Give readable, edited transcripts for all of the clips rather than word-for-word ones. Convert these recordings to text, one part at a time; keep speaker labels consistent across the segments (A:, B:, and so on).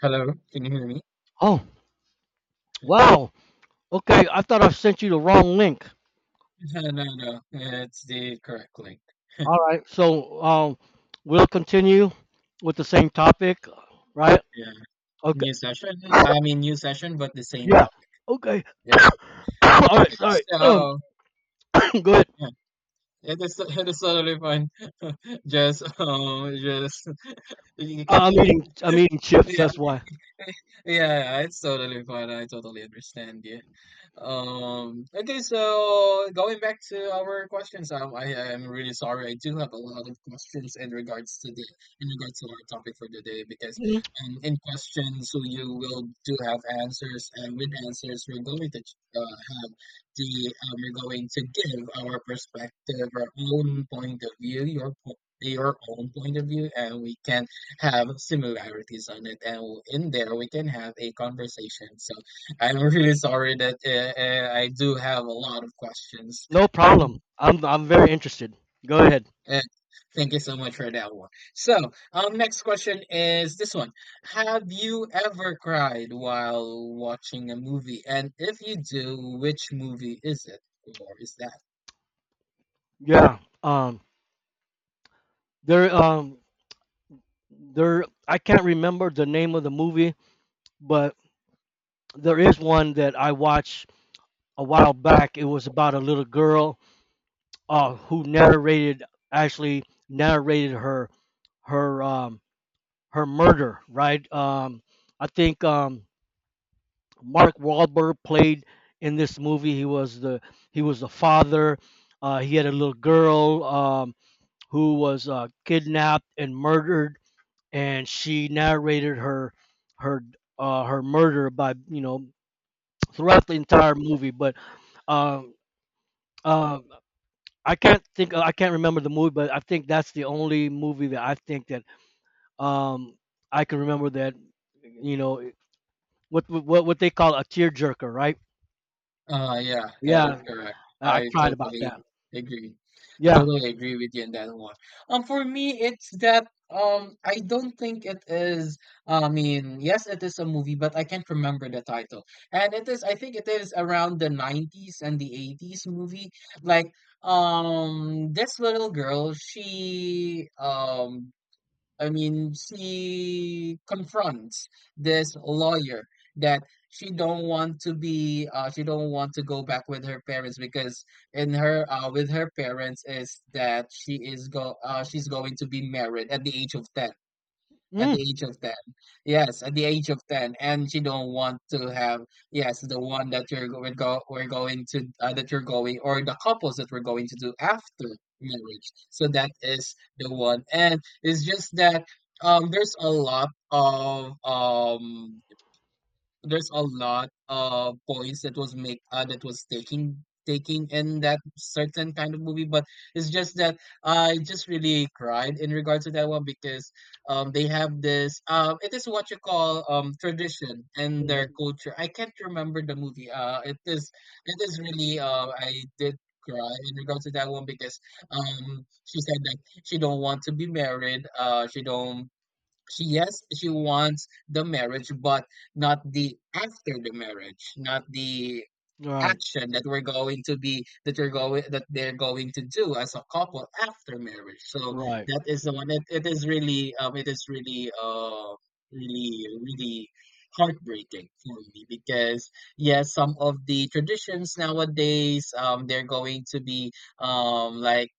A: Hello, can you hear me?
B: Oh, wow. Okay, I thought I sent you the wrong link.
A: No, no, no. It's the correct link.
B: All right, so we'll continue with the same topic, right?
A: Yeah.
B: Okay,
A: New session. I mean, new session, but the same
B: yeah.
A: topic.
B: Okay.
A: That's it.
B: All right,
A: Okay.
B: sorry.
A: So,
B: Go ahead.
A: yeah, it is totally fine. Just, you can, you
B: I'm
A: can,
B: eating. I'm eating chips.
A: yeah,
B: That's why.
A: yeah, it's totally fine. I totally understand you. Okay, so going back to our questions, I am really sorry. I do have a lot of questions in regards to our topic for today because
B: Mhm.
A: in questions, so you will do have answers, and with answers we're going to have the we're going to give our perspective, our own point of view, your own point of view, and we can have similarities on it, and in there we can have a conversation. So I'm really sorry that I do have a lot of questions.
B: No problem. I'm very interested. Go ahead.
A: Uh, Thank you so much for that one. So, next question is this one: Have you ever cried while watching a movie? And if you do, which movie is it, or is that?
B: Yeah. Um. There. Um. There. I can't remember the name of the movie, but there is one that I watched a while back. It was about a little girl who narrated actually narrated her um, her murder, right? I think Mark Wahlberg played in this movie. He was the father. He had a little girl who was kidnapped and murdered, and she narrated her her murder by throughout the entire movie. But um, uh, I can't think. I can't remember the movie, but I think that's the only movie that I think that um I can remember that you know what they call a tearjerker, right?
A: Yeah, that is
B: Yeah,
A: correct.
B: I
A: I
B: cried about
A: totally
B: that.
A: agree. I
B: Yeah.
A: totally agree with you on that one. For me, it's that I don't think it is. I mean, yes, it is a movie, but I can't remember the title. I think it is around the '90s and the '80s movie. Like, this little girl, she I mean, she confronts this lawyer that she don't want to go back with her parents, because with her parents is that she's going to be married at the age of 10. At the
B: Mm
A: age of 10. Yes, at the age of 10. And you don't want to have, yes, the one that you're go, we're going to, that you're going, or the couples that we're going to do after marriage. So that is the one. And it's just that there's a lot of there's a lot of points that was taking in that certain kind of movie, but it's just that I just really cried in regards to that one because they have this, it is what you call, tradition and their
B: hmm.
A: culture. I can't remember the movie. It is, it is really, I did cry in regards to that one because she said that she don't want to be married she don't she yes, she wants the marriage, but not the after the marriage, not the
B: Right.
A: action that we're going to be that you're going that they're going to do as a couple after marriage. So
B: Right.
A: that is the one. It is really, really, really heartbreaking for me, because yes, some of the traditions nowadays, they're going to be, like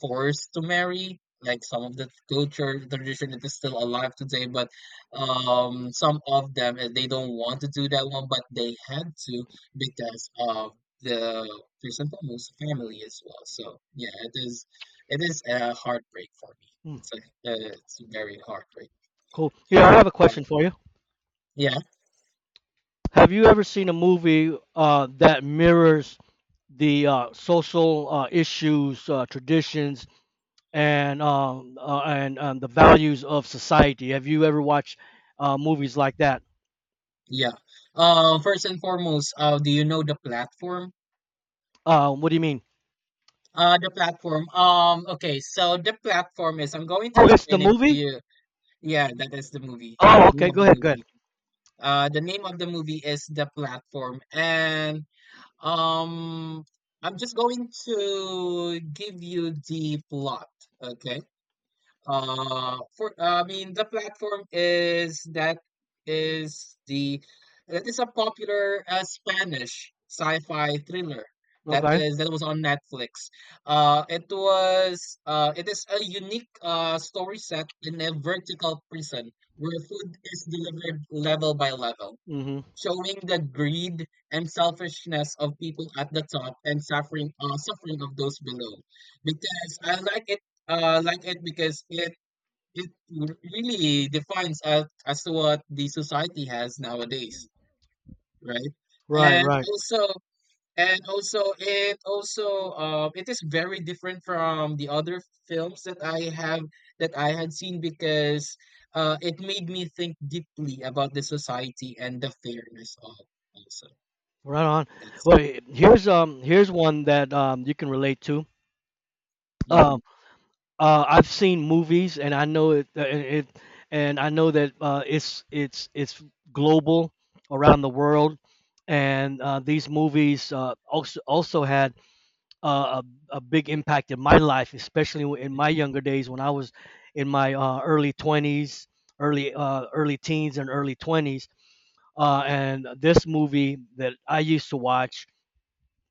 A: forced to marry, like some of the culture tradition that is still alive today. But some of them, they don't want to do that one, but they had to because of the Chrysanthemum's family as well. So yeah, it is a heartbreak for me.
B: Mm.
A: It's a it's very heartbreak.
B: Cool. Here, I have a
A: Uh,
B: question for you.
A: yeah,
B: Have you ever seen a movie that mirrors the social issues, traditions, and the values of society? Have you ever watched movies like that?
A: yeah. First and foremost, do you know the platform?
B: What do you mean?
A: The platform. Okay, so the platform is. I'm going to
B: Oh, it's the
A: explain it to
B: movie?
A: you. Yeah, that is the movie.
B: Oh, okay.
A: Name of
B: Go
A: the
B: ahead. Go ahead.
A: movie. The name of the movie is The Platform. And Um, I'm just going to give you the plot, okay? For I mean, the platform is that is the that is a popular Spanish sci-fi thriller that
B: Okay.
A: is that was on Netflix. It is a unique story set in a vertical prison where food is delivered level by level,
B: Mm hmm.
A: showing the greed and selfishness of people at the top and suffering of those below. Because I like it, like it because it really defines as to what the society has nowadays, right?
B: Right.
A: And
B: Right.
A: also, and also it also, it is very different from the other films that I have that I had seen, because it made me think deeply about the society and the fairness of also.
B: Right on.
A: That's
B: Well, here's one that you can relate to. Um,
A: mhm,
B: I've seen movies, and I know it. And it and I know that it's global around the world, and these movies also had uh, a big impact in my life, especially in my younger days when I was in my early 20s, early early teens and early 20s. And this movie that I used to watch,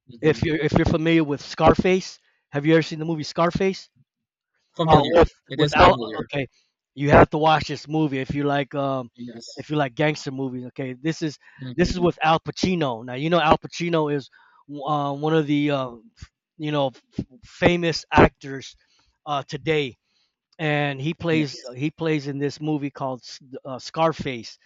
A: mhm.
B: if you're familiar with Scarface, have you ever seen the movie Scarface? Oh,
A: Familiar.
B: with
A: It is
B: without
A: familiar.
B: Okay, you have to watch this movie
A: Yes.
B: if you like gangster movies. Okay, this
A: Mhm.
B: is with Al Pacino. Now you know Al Pacino is one of the f- you know famous actors today, and
A: Yes.
B: he plays in this movie called Scarface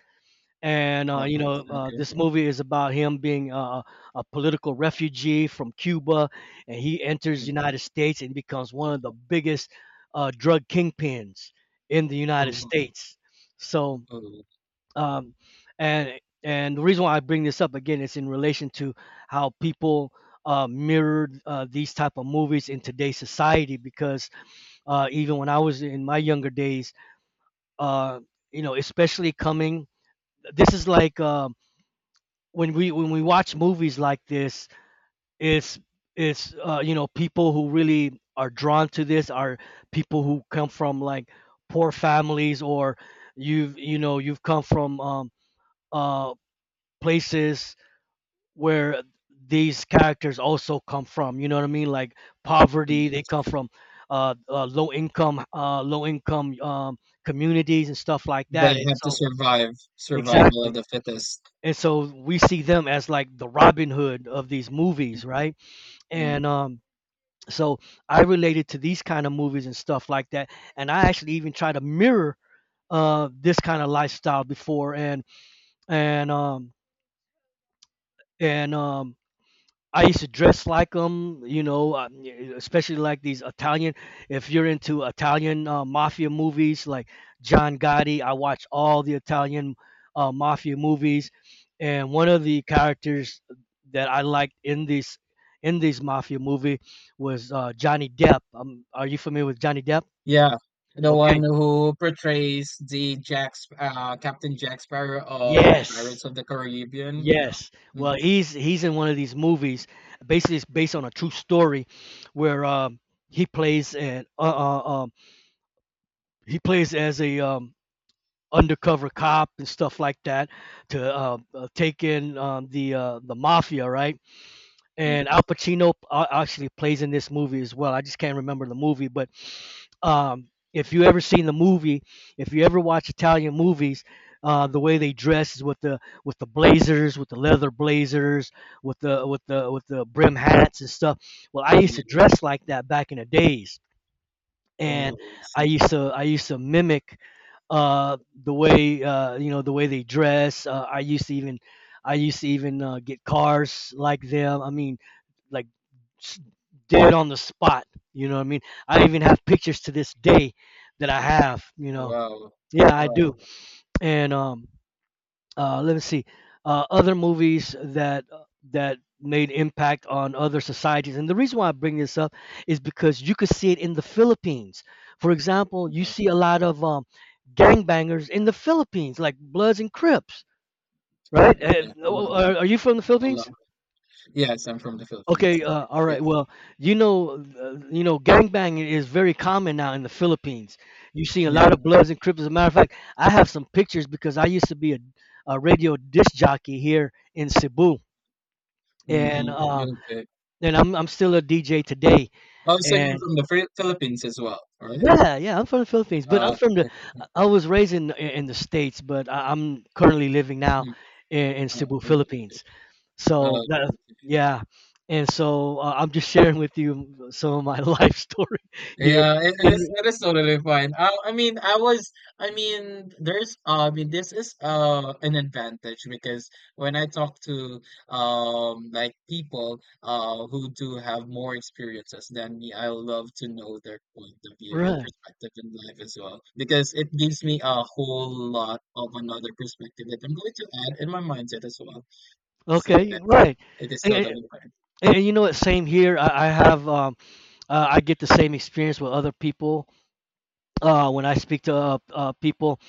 B: and
A: Scarface. Okay.
B: this movie is about him being a political refugee from Cuba, and he enters the
A: Mm.
B: United States and becomes one of the biggest drug kingpins in the
A: Oh,
B: United
A: wow.
B: States. So,
A: Oh,
B: um, and the reason why I bring this up again is in relation to how people mirrored these type of movies in today's society. Because even when I was in my younger days, uh, you know, especially coming, this is like. When we watch movies like this, it's it's you know, people who really are drawn to this are people who come from like poor families or you know, you've come from uh, places where these characters also come from. You know what I mean? Like
A: mm,
B: poverty, they
A: yes.
B: come from low income communities and stuff like
A: They
B: that. And
A: have to
B: so
A: survive, survival
B: exactly,
A: of the fittest.
B: and so we see them as like the Robin Hood of these movies, right?
A: Mhm.
B: And so I related to these kind of movies and stuff like that, and I actually even try to mirror this kind of lifestyle before, and and um and um I used to dress like them, you know, especially like these Italian. If you're into Italian mafia movies, like John Gotti, I watch all the Italian mafia movies, and one of the characters that I liked in this mafia movie was Johnny Depp. Are you familiar with Johnny Depp?
A: Yeah. The one
B: Okay.
A: who portrays the Captain Jack Sparrow of
B: Yes.
A: Pirates of the Caribbean. Yeah.
B: Yes.
A: Mm,
B: Well, he's in one of these movies. Basically, it's
A: mm.
B: based on a true story, where he plays and uh, uh, um, he plays as a undercover cop and stuff like that to take in the mafia, right?
A: Yeah.
B: And Al Pacino actually plays in this movie as well. I just can't remember the movie, but if you ever seen the movie, if you ever watch Italian movies, the way they dress is with the blazers, with the leather blazers, with the brim hats and stuff. Well, I used to dress
A: Yes.
B: like that back in the days,
A: Oh,
B: and
A: this is-
B: I used to mimic uh, the way the way they dress. I used to even get cars like them. I mean, like s- dead on the spot. You know what I mean? I even have pictures to this day that I have. You know,
A: wow.
B: yeah, I
A: Wow.
B: do. And let me see. Other movies that that made impact on other societies, and the reason why I bring this up is because you could see it in the Philippines. For example, you
A: Yeah.
B: see a lot of gangbangers in the Philippines, like Bloods and Crips,
A: Uh,
B: right?
A: yeah. A lot.
B: Are you from the
A: A
B: Philippines?
A: lot. Yes, I'm from the Philippines.
B: Okay, all right.
A: Yes.
B: Well, you know, gangbanging is very common now in the Philippines. You see a
A: Yeah,
B: lot of Bloods and Crips. As a matter of fact, I have some pictures because I used to be a radio disc jockey here in Cebu, and
A: mhm, okay.
B: I'm still a DJ today.
A: Oh, so you're
B: And
A: from the Philippines as well, right?
B: yeah, yeah, I'm from the Philippines, but I'm
A: Uh,
B: from the.
A: uh,
B: I was raised in the States, but I'm currently living now
A: mm,
B: in Cebu,
A: oh, okay.
B: Philippines.
A: Uh,
B: So that
A: okay.
B: yeah, and so I'm just sharing with you some of my life story here.
A: Yeah,
B: In
A: it is totally fine. I mean, I was, I mean, there's, I mean, this is an advantage, because when I talk to, like people who do have more experiences than me, I love to know their point of view and
B: right,
A: perspective in life as well, because it gives me a whole lot of another perspective that I'm going to add in my mindset as well. So
B: okay,
A: that's it.
B: right.
A: It is
B: And, and,
A: totally fine.
B: and you know what? Same here. I have I get the same experience with other people when I speak to people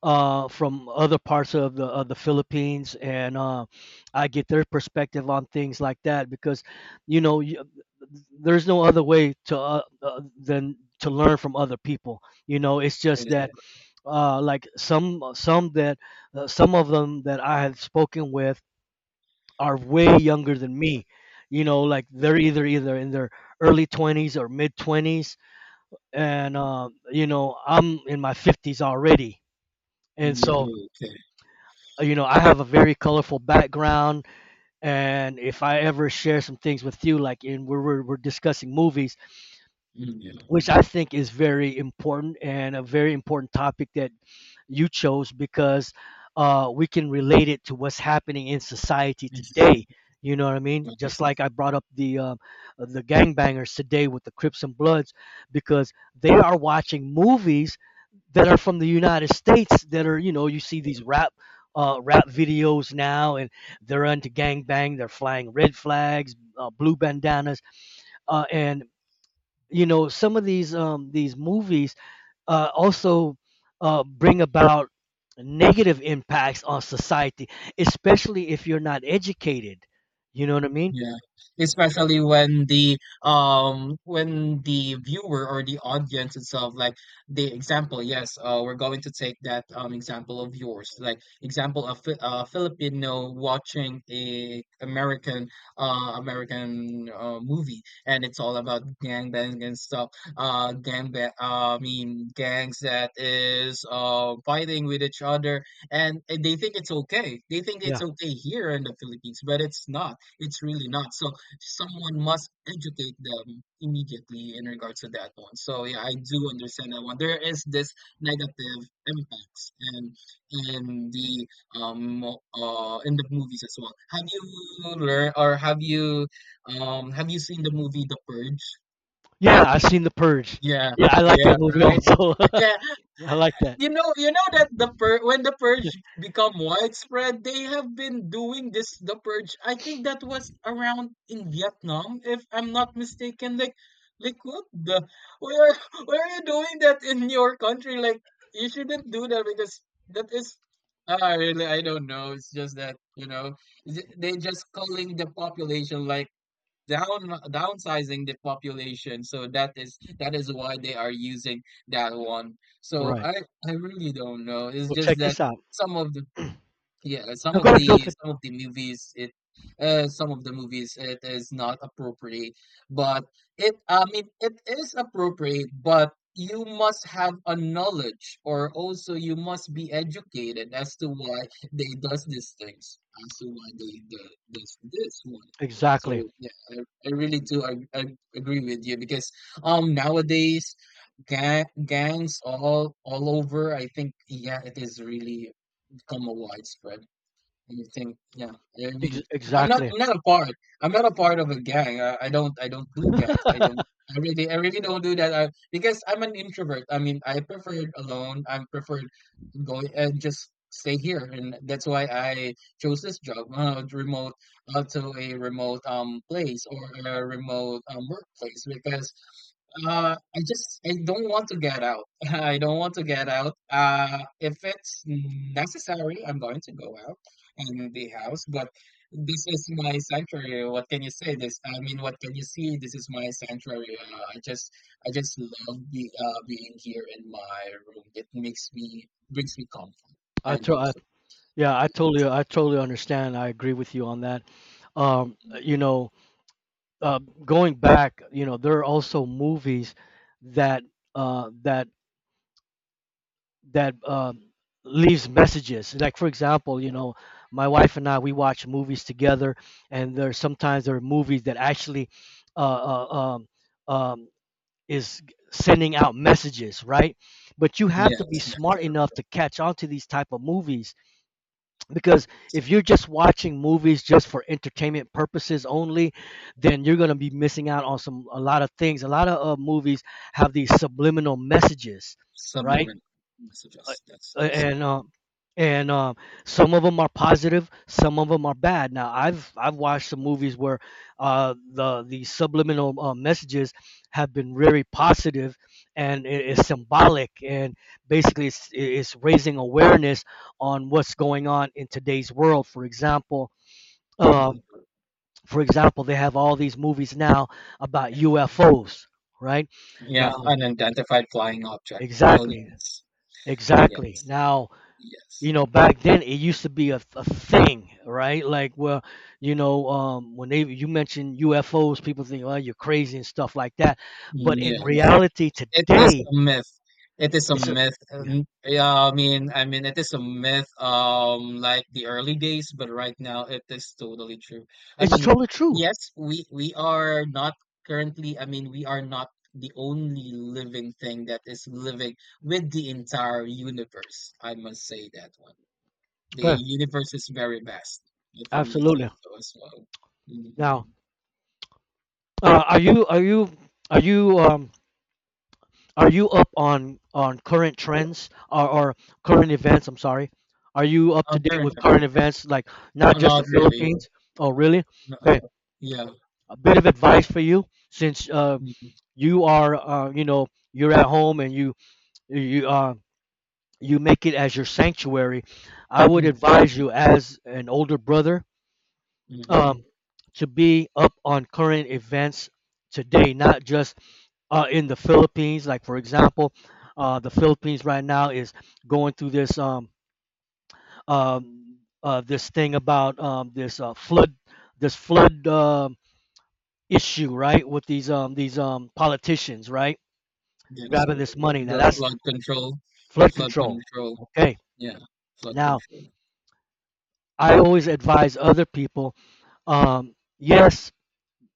B: from other parts of the Philippines, and I get their perspective on things like that because, you know, there's no other way to than to learn from other people. You know, it's
A: It
B: just
A: is,
B: that
A: totally
B: like some that some of them that I have spoken with are way younger than me. You know, like
A: fine.
B: they're either in their early 20s or mid 20s, and you know, I'm in my 50s already, and
A: Mm, yeah,
B: so.
A: okay.
B: You know, I have a very colorful background, and if I ever share some things with you, like in where we're discussing movies,
A: Mm, yeah,
B: which I think is very important and a very important topic that you chose because we can relate it to what's happening in society today.
A: interesting.
B: You know what I mean? Just
A: Nice.
B: like I brought up the gangbangers today with the Crips and Bloods, because they are watching movies that are from the United States that are, you know, you see these rap videos now, and they're into gangbang. They're flying red flags, blue bandanas, and you know some of these movies also bring about negative impacts on society, especially if you're not educated. You know what I mean?
A: Yeah, especially when the, when the viewer or the audience itself, like the example, yes, we're going to take that example of yours, like example of Filipino watching a American movie, and it's all about gangbang and stuff, I mean gangs that is fighting with each other, and they think it's okay, they think it's
B: Yeah,
A: okay here in the Philippines, but it's not, it's really not. So someone must educate them immediately in regards to that one. So yeah, I do understand that one. There is this negative impacts and in the in the movies as well. Have you learned or have you seen the movie The Purge?
B: yeah. I've seen The Purge.
A: Yeah,
B: Yeah, I like that
A: yeah,
B: movie
A: right.
B: also.
A: Yeah,
B: Yeah, I like that.
A: you know that the when the purge become widespread, they have been doing this the purge. I think that was around in Vietnam, if I'm not mistaken. Like what the where, where are you doing that in your country? Like, you shouldn't do that, because that is. Ah, really? I don't know. It's just that, you know, they just calling the population, like down downsizing the population. So that is why they are using that one.
B: All
A: So
B: right.
A: I really don't know. It's
B: Well,
A: just
B: check
A: that
B: this out.
A: some of the, yeah, and some
B: Now go
A: of
B: ahead, go
A: the,
B: ahead.
A: some of the movies it some of the movies, it is not appropriate, but it, I mean, it is appropriate, but you must have a knowledge, or also you must be educated as to why they does these things, as to why they does this one.
B: Exactly.
A: So yeah, I really do, I agree with you because nowadays gangs all over, I think, yeah, it is really become a widespread. You think, yeah. I mean, I'm not.
B: Exactly.
A: I'm not a part. I'm not a part of a gang. I don't. I don't do gangs. I don't. I really. I really don't do that. I, because I'm an introvert. I mean, I prefer alone. I prefer going and just stay here, and that's why I chose this job, remote, to a remote place, or a remote workplace, because I just I don't want to get out. I don't want to get out. If it's necessary, I'm going to go out and the house. But this is my sanctuary. What can you say? This I mean, what can you see? This is my sanctuary. I just love being here in my room. It makes me brings me comfort,
B: I,
A: and
B: to-
A: also
B: yeah, I totally understand. I agree with you on that. You know, uh, going back, you know, there are also movies that uh, that that leaves messages. Like for example, you know, my wife and I, we watch movies together, and there sometimes there are movies that actually uh, uh, um, um, is sending out messages, right? But you have to be
A: yes, that is
B: smart
A: correct.
B: enough to catch on to these type of movies because if you're just watching movies just for entertainment purposes only, then you're going to be missing out on some a lot of things. A lot of movies have these subliminal messages, right?
A: Subliminal
B: uh,
A: messages. That's
B: uh,
A: that is
B: and uh, and Some of them are positive, some of them are bad. Now, I've watched some
A: correct.
B: movies where the subliminal messages have been very positive, and
A: Yeah,
B: it's symbolic, and basically it's raising awareness on what's going on in today's world. For example,
A: that is
B: um,
A: correct.
B: they have all these movies now about UFOs, right?
A: Yeah,
B: Now,
A: unidentified flying object.
B: exactly,
A: Aliens.
B: exactly.
A: Yes.
B: Now, you
A: Yes.
B: know, back then it used to be a thing, right? Like, well, when they you mentioned UFOs, people think, oh, you're crazy and stuff like that, but
A: Yes.
B: in
A: Yes.
B: reality
A: It is
B: today
A: a myth. It is a
B: it's a,
A: myth.
B: yeah,
A: Yeah, I mean, it is a myth. Like the early days, but right now it is totally true. I
B: it's
A: mean,
B: totally true.
A: yes, we are not currently. I mean, we are not the only living thing that is living with the entire universe. I must say that one. The
B: Okay,
A: universe's very best, if I may say
B: absolutely.
A: so as well. Mhm.
B: Now, uh, are you are you are you um are you up on current trends, or current events, I'm sorry, are you up to
A: Oh,
B: date
A: correct,
B: with current
A: correct.
B: events, like, not just the
A: Not really.
B: Philippines? Oh, really?
A: No.
B: Okay.
A: Yeah.
B: A bit of advice for you, since
A: Mhm.
B: you are, you're at home and you uh, you make it as your sanctuary. I would
A: Mm.
B: advise you, as an older brother,
A: Mhm.
B: um, to be up on current events today, not just in the Philippines. Like for example, the Philippines right now is going through this, this thing about, this flood issue, right, with these politicians, right,
A: That is
B: grabbing this
A: correct.
B: money. Now
A: The
B: that's
A: flood control, the
B: flood
A: flood
B: control.
A: control.
B: Okay.
A: Yeah, flood
B: Now,
A: control.
B: I always advise other people, yes,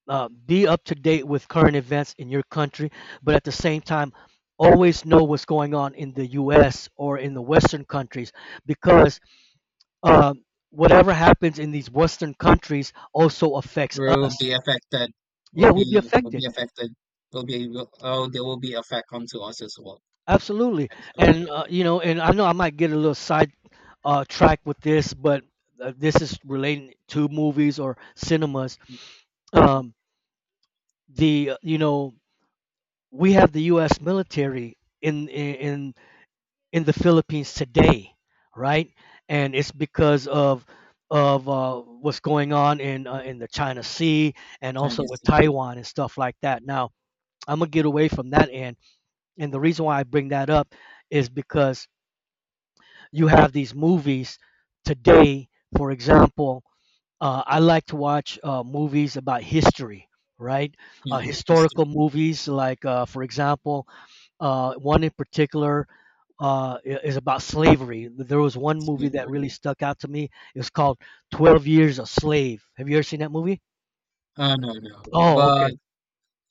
B: be up to date with current events in your country, but at the same time, always know what's going on in the U.S. or in the Western countries, because um, whatever happens in these Western countries also affects
A: Will
B: us.
A: be affected.
B: Yeah,
A: Will
B: we'll be
A: be will be
B: affected.
A: affected. Oh, there will be effect onto us as well.
B: Absolutely.
A: That is correct.
B: And, I know I might get a little side, track with this, but this is relating to movies or cinemas.
A: Mm, mm.
B: Um, the you know we have the U.S. military in in in the Philippines today, right? And it's because of what's going on in the China Sea and also
A: Chinese
B: with
A: Sea.
B: Taiwan and stuff like that. Now I'm gonna get away from that end, and the reason why I bring that up is because you have these movies today, for example. I like to watch movies about history, right?
A: Yeah, it's true.
B: Historical movies, like, for example, one in particular, is about slavery. There was one movie that
A: Slavery.
B: really stuck out to me. It was called 12 Years a Slave. Have you ever seen that movie?
A: No, no.
B: Oh,
A: But
B: okay,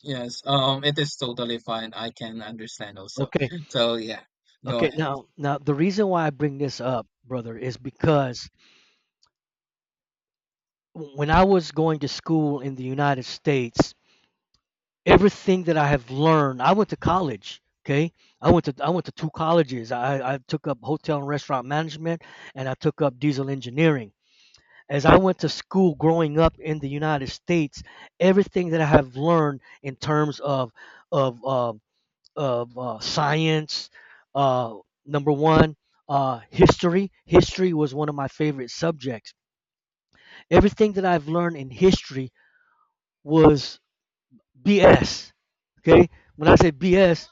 A: yes, it is totally fine. I can understand also.
B: okay,
A: So yeah, go
B: okay.
A: ahead.
B: Now, the reason why I bring this up, brother, is because, when I was going to school in the United States, everything that I have learned. I went to college. Okay, I went to two colleges. I took up hotel and restaurant management, and I took up diesel engineering. As I went to school growing up in the United States, everything that I have learned in terms of uh, of science, uh, number one, history. History was one of my favorite subjects. Everything that I've learned in history was BS. Okay, when I say BS,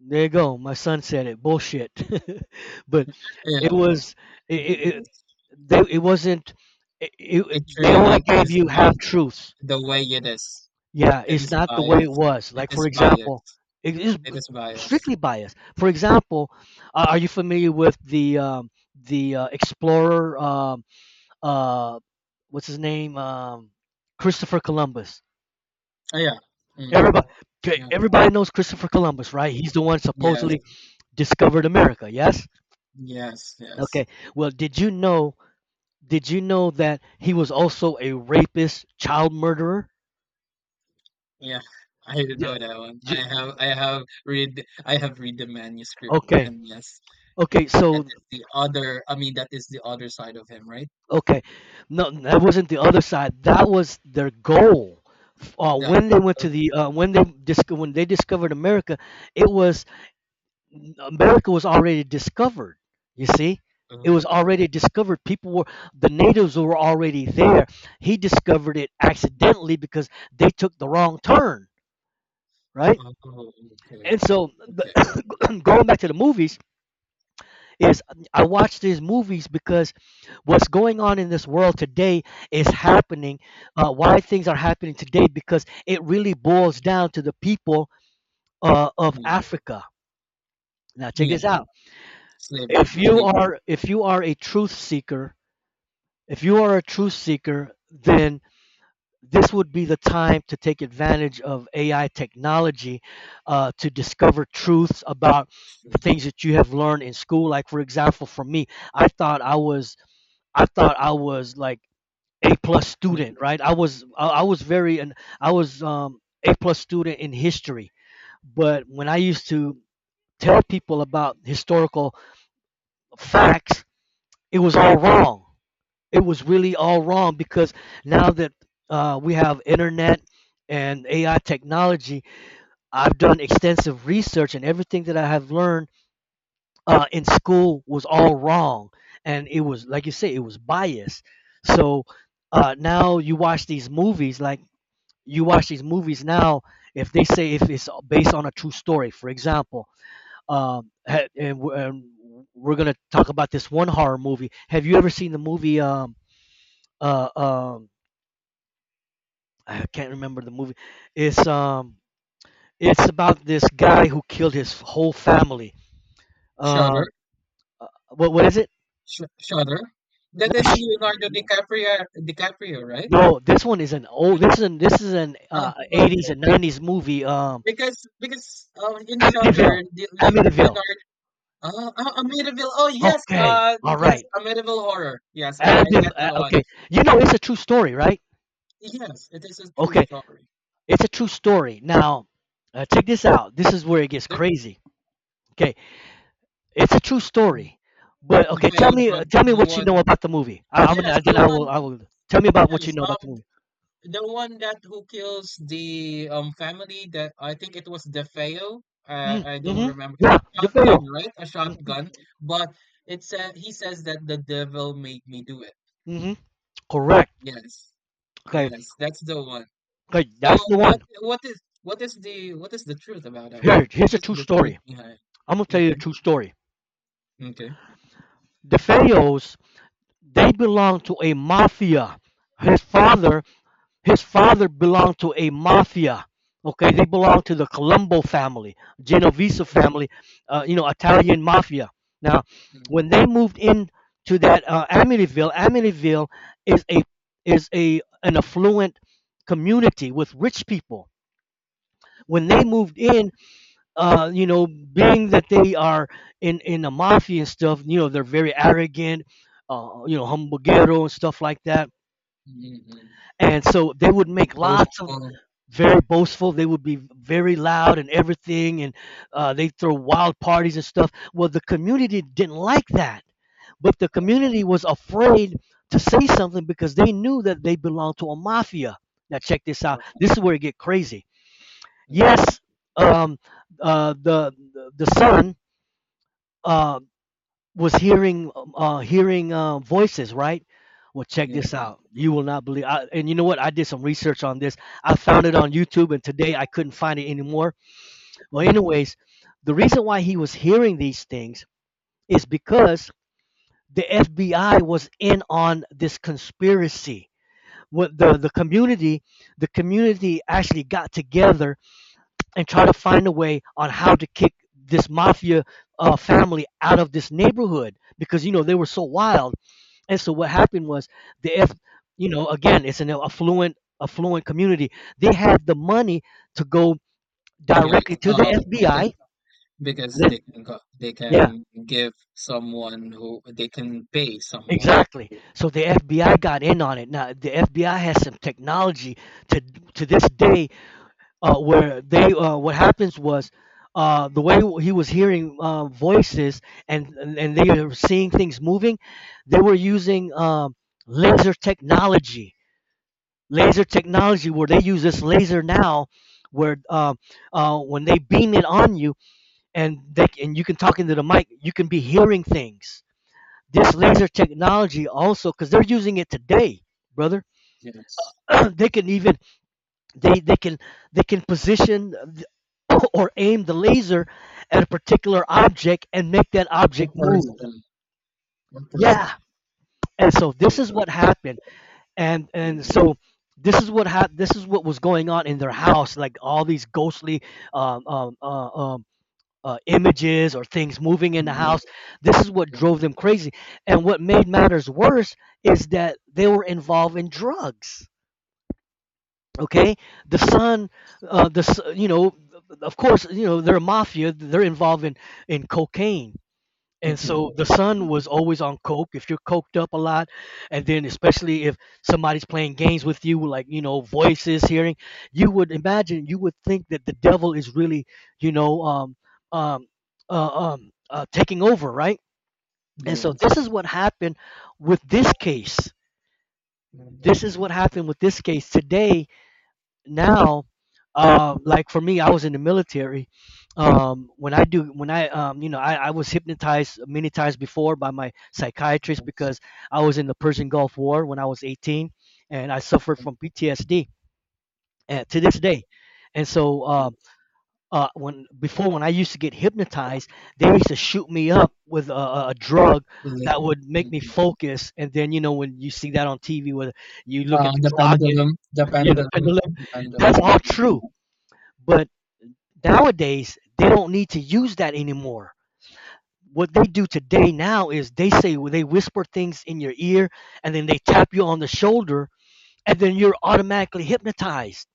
B: there you go. My son said it. Bullshit. But
A: Yeah,
B: it was, it
A: yeah.
B: it, it, it wasn't,
A: It
B: they only
A: really
B: gave
A: is
B: you
A: not
B: half truths.
A: the way it is.
B: Yeah,
A: It
B: it's
A: is
B: not the way it
A: biased.
B: was.
A: It
B: Like for
A: is
B: example,
A: biased.
B: it is,
A: It is biased.
B: strictly biased. For example, are you familiar with the, explorer? Uh, what's his name? Christopher Columbus.
A: Oh, yeah. Mm-hmm.
B: Everybody, Okay.
A: Yeah.
B: Everybody knows Christopher Columbus, right? He's the one
A: Yes.
B: supposedly discovered America. Yes.
A: Yes. Yes.
B: Okay. Well, did you know? Did you know that he was also a rapist, child murderer?
A: Yeah. I didn't know
B: Yeah.
A: that one. I
B: Y-
A: have. I have read the manuscript,
B: Okay.
A: and yes,
B: Okay.
A: that
B: So,
A: is the other. I mean, that is the other side of him, right?
B: okay, no, that wasn't the other side. That was their goal.
A: That.
B: When they went
A: Oh,
B: to the when they discovered America, it was America was already discovered. You see, it
A: oh,
B: was already discovered. People were The natives were already there. He discovered it accidentally because they took the wrong turn. Right.
A: oh, okay.
B: And so
A: Okay.
B: going back to the movies is, I watch these movies because what's going on in this world today is happening, why things are happening today, because it really boils down to the people, of
A: Hmm.
B: Africa. Now check
A: Yeah,
B: this out.
A: Flavor
B: if you
A: Flavor
B: are if you are a truth seeker, if you are a truth seeker then this would be the time to take advantage of AI technology, to discover truths about the
A: Street.
B: things that you have learned in school. Like for example, for me, I thought I was I thought I was like a plus
A: No,
B: student, right? I was very and I was a plus student in history, but when I used to tell people about historical facts, it was all wrong, it was really all wrong, because now that, we have internet and AI technology, I've done extensive research and everything that I have learned, in school was all wrong. And it was, like you say, it was biased. So, now you watch these movies now, if they say if it's based on a true story, for example. And we're going to talk about this one horror movie. Have you ever seen the movie? Uh, um, I can't remember the movie. It's um, it's about this guy who killed his whole family.
A: Shutter
B: Um, what is it?
A: Sh Shutter? That
B: Not
A: is
B: Sh-
A: Leonardo DiCaprio DiCaprio, right?
B: No, this one is an old.
A: No,
B: This is an, this is an
A: ah,
B: uh, 80s
A: okay.
B: and 90s movie.
A: Because in
B: Amityville.
A: Shutter, the Le
B: Amityville.
A: Leonardo Amityville. Oh yes,
B: Okay. All
A: yes,
B: right.
A: Amityville Horror. Yes, I
B: Amityville.
A: get that one.
B: Okay. You know it's a true story, right?
A: Yes, it is a true
B: Okay.
A: story.
B: It's a true story. Now, check this out. This is where it gets
A: The
B: crazy. Okay. It's a true story. But okay,
A: Fayum one,
B: tell me
A: the
B: what you know
A: one.
B: about the movie. I'm
A: Yes,
B: gonna, then
A: the one.
B: I will tell me about what you
A: Yes,
B: know about the
A: um.
B: movie.
A: The one that who kills the family, that I think it was DeFeo.
B: Mm,
A: I don't
B: mm-hmm.
A: remember.
B: Yeah, the
A: Shotgun,
B: fail.
A: right? A
B: Mm-hmm.
A: shotgun. But it said he says that the devil made me do it.
B: Mm-hmm. Correct.
A: Yes.
B: Okay.
A: Yes, that's the one.
B: Okay,
A: So
B: that's the one.
A: what is the truth about that one?
B: Here, here's
A: What
B: a
A: is
B: true
A: the truth
B: story.
A: behind?
B: I'm gonna tell you the
A: Okay.
B: true story.
A: Okay.
B: The Fayos, they belong to a mafia. His father His father belonged to a mafia. Okay, they belonged to the Colombo family, Genovese family, Italian mafia. Now,
A: Mhm.
B: when they moved in to that, Amityville. Amityville is a is a an affluent community with rich people. When they moved in, being that they are in the mafia and stuff, you know, they're very arrogant, humbuguero and stuff like that,
A: Mm-hmm.
B: and so they would make lots of,
A: Boastful.
B: very boastful. They would be very loud and everything, and they throw wild parties and stuff. Well, the community didn't like that, but the
A: Uh,
B: community was afraid to say something because they knew that they belonged to a mafia. Now check this out.
A: uh,
B: This is where it get crazy.
A: yeah,
B: Yes, um, the son. Uh, was hearing, hearing, voices, right? Well, check this
A: yes.
B: out, you will not believe. And you know what, I did some research on this. I found it on YouTube, and today I couldn't find it anymore. Well,
A: Mm,
B: anyways, the reason why he was hearing these things is because the FBI was in on this conspiracy. What the community The community actually got together, and tried to find a way on how to kick this mafia, family out of this neighborhood, because you know they were so wild. And so what happened was, the F, you know, again, it's an affluent community. They had the money to go directly
A: yes.
B: to the
A: Because
B: FBI.
A: because they
B: Then-
A: can go, they
B: Yeah,
A: can give someone who they can pay someone
B: exactly.
A: who
B: So the FBI got in on it. Now the FBI has some technology to to this day, where they, what happens was. The way he was hearing, voices, and they were seeing things moving, they were using, laser technology. Laser technology where they use this laser now, where when they beam it on you, and you can talk into the mic, you can be hearing things. This laser technology also, because they're using it today, brother.
A: yes,
B: They can even, they they can they can position, or aim the laser at a particular object, and make that
A: a
B: object move.
A: person, a person,
B: Yeah, and so this
A: person,
B: is what happened. and and
A: yes,
B: so this is what was going on in their house, like all these ghostly, um, um, uh, um, images or things moving in the
A: yes,
B: house. This is what
A: yes,
B: drove them crazy, and what made matters worse is that they were involved in drugs. Okay, the son, you know, of course, you know, they're a mafia, they're involved in cocaine. And
A: cooking.
B: so the
A: Mm,
B: son was always on coke. If you're coked up a lot, and then especially if somebody's playing games with you, like, you know, voices, hearing, you would imagine, you would think that the devil is really, you know, um, taking over, right? And so this
A: yes.
B: is what happened with this case.
A: Mhm,
B: This is what happened with this case today. Now, like for me, I was in the military. When I do when I I was hypnotized many times before by my psychiatrist, because
A: yes,
B: I was in the Persian Gulf War when I was 18, and I suffered
A: mhm,
B: from PTSD, and to this day. And so,
A: yes.
B: when I used to get hypnotized, they used to shoot me up with a drug
A: Like,
B: that would make me
A: mhm.
B: focus. And then, you know, when you see that on TV, where you look
A: uh
B: at the
A: the
B: clock and
A: pendulum the
B: you know,
A: pendulum
B: pendulum,
A: the pendulum.
B: that's all
A: Yeah,
B: true. But nowadays, they don't need to use that anymore. What they do today now is, they say, well, they whisper things in your ear, and then they tap you on the shoulder, and then you're automatically hypnotized.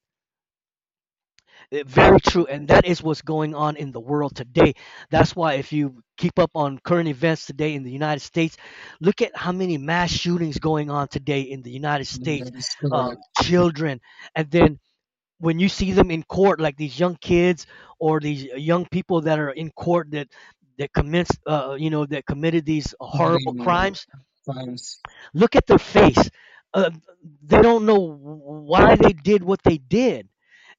B: Very true. And that is what's going on in the world today. That's why, if you keep up on current events today in the United States, look at how many mass shootings going on today in the United
A: yeah.
B: States.
A: That is correct.
B: Children, and then when you see them in court, like these young kids, or these young people that are in court, that commits, that committed these horrible
A: Comedian
B: crimes,
A: finds
B: look at their face. Uh, they don't know why they did what they did,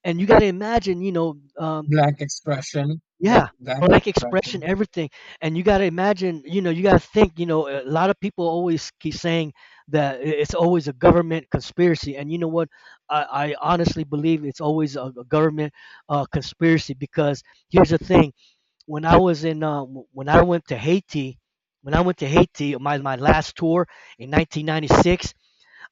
B: and you got to imagine, you know,
A: black expression black
B: yeah,
A: black
B: black expression,
A: expression.
B: everything. And you got to imagine, you know, you got to think, you know, a lot of people always keep saying that, it's always a government conspiracy. And you know what? I honestly believe it's always a government, conspiracy, because here's the thing. When I was in, w- When I went to Haiti, my last tour in 1996,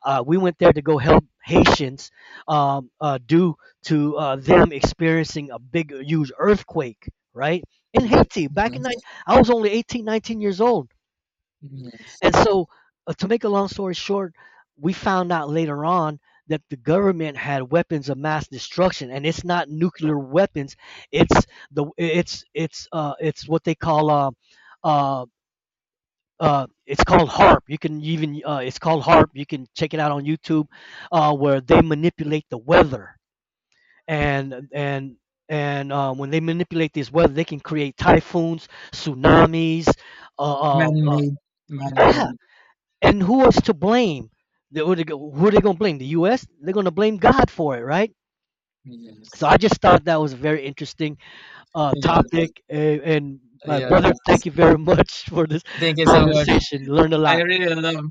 B: we went there to go help Haitians, due to, them experiencing a big, huge earthquake, right? In
A: Mm,
B: Haiti, back in nine,
A: yes.
B: I was only 18, 19 years old.
A: Yes.
B: And so, to make a long story short, we found out later on that the government had weapons of mass destruction, and it's not nuclear weapons. It's the it's what they call, uh it's called HARP. You can even, it's called HARP, you can check it out on YouTube, where they manipulate the weather, and and and when they manipulate this weather, they can create typhoons, tsunamis, uh, um, uh,
A: Man-made,
B: yeah.
A: man-made.
B: And who is to blame? Who are they going to blame, the us? They're going to blame God for it, right? So I
A: Yes,
B: just thought that was a very interesting,
A: yes,
B: topic, and my brother,
A: yes.
B: thank you very much for this
A: Thank you so much.
B: conversation. Learned a
A: I
B: lot.
A: really love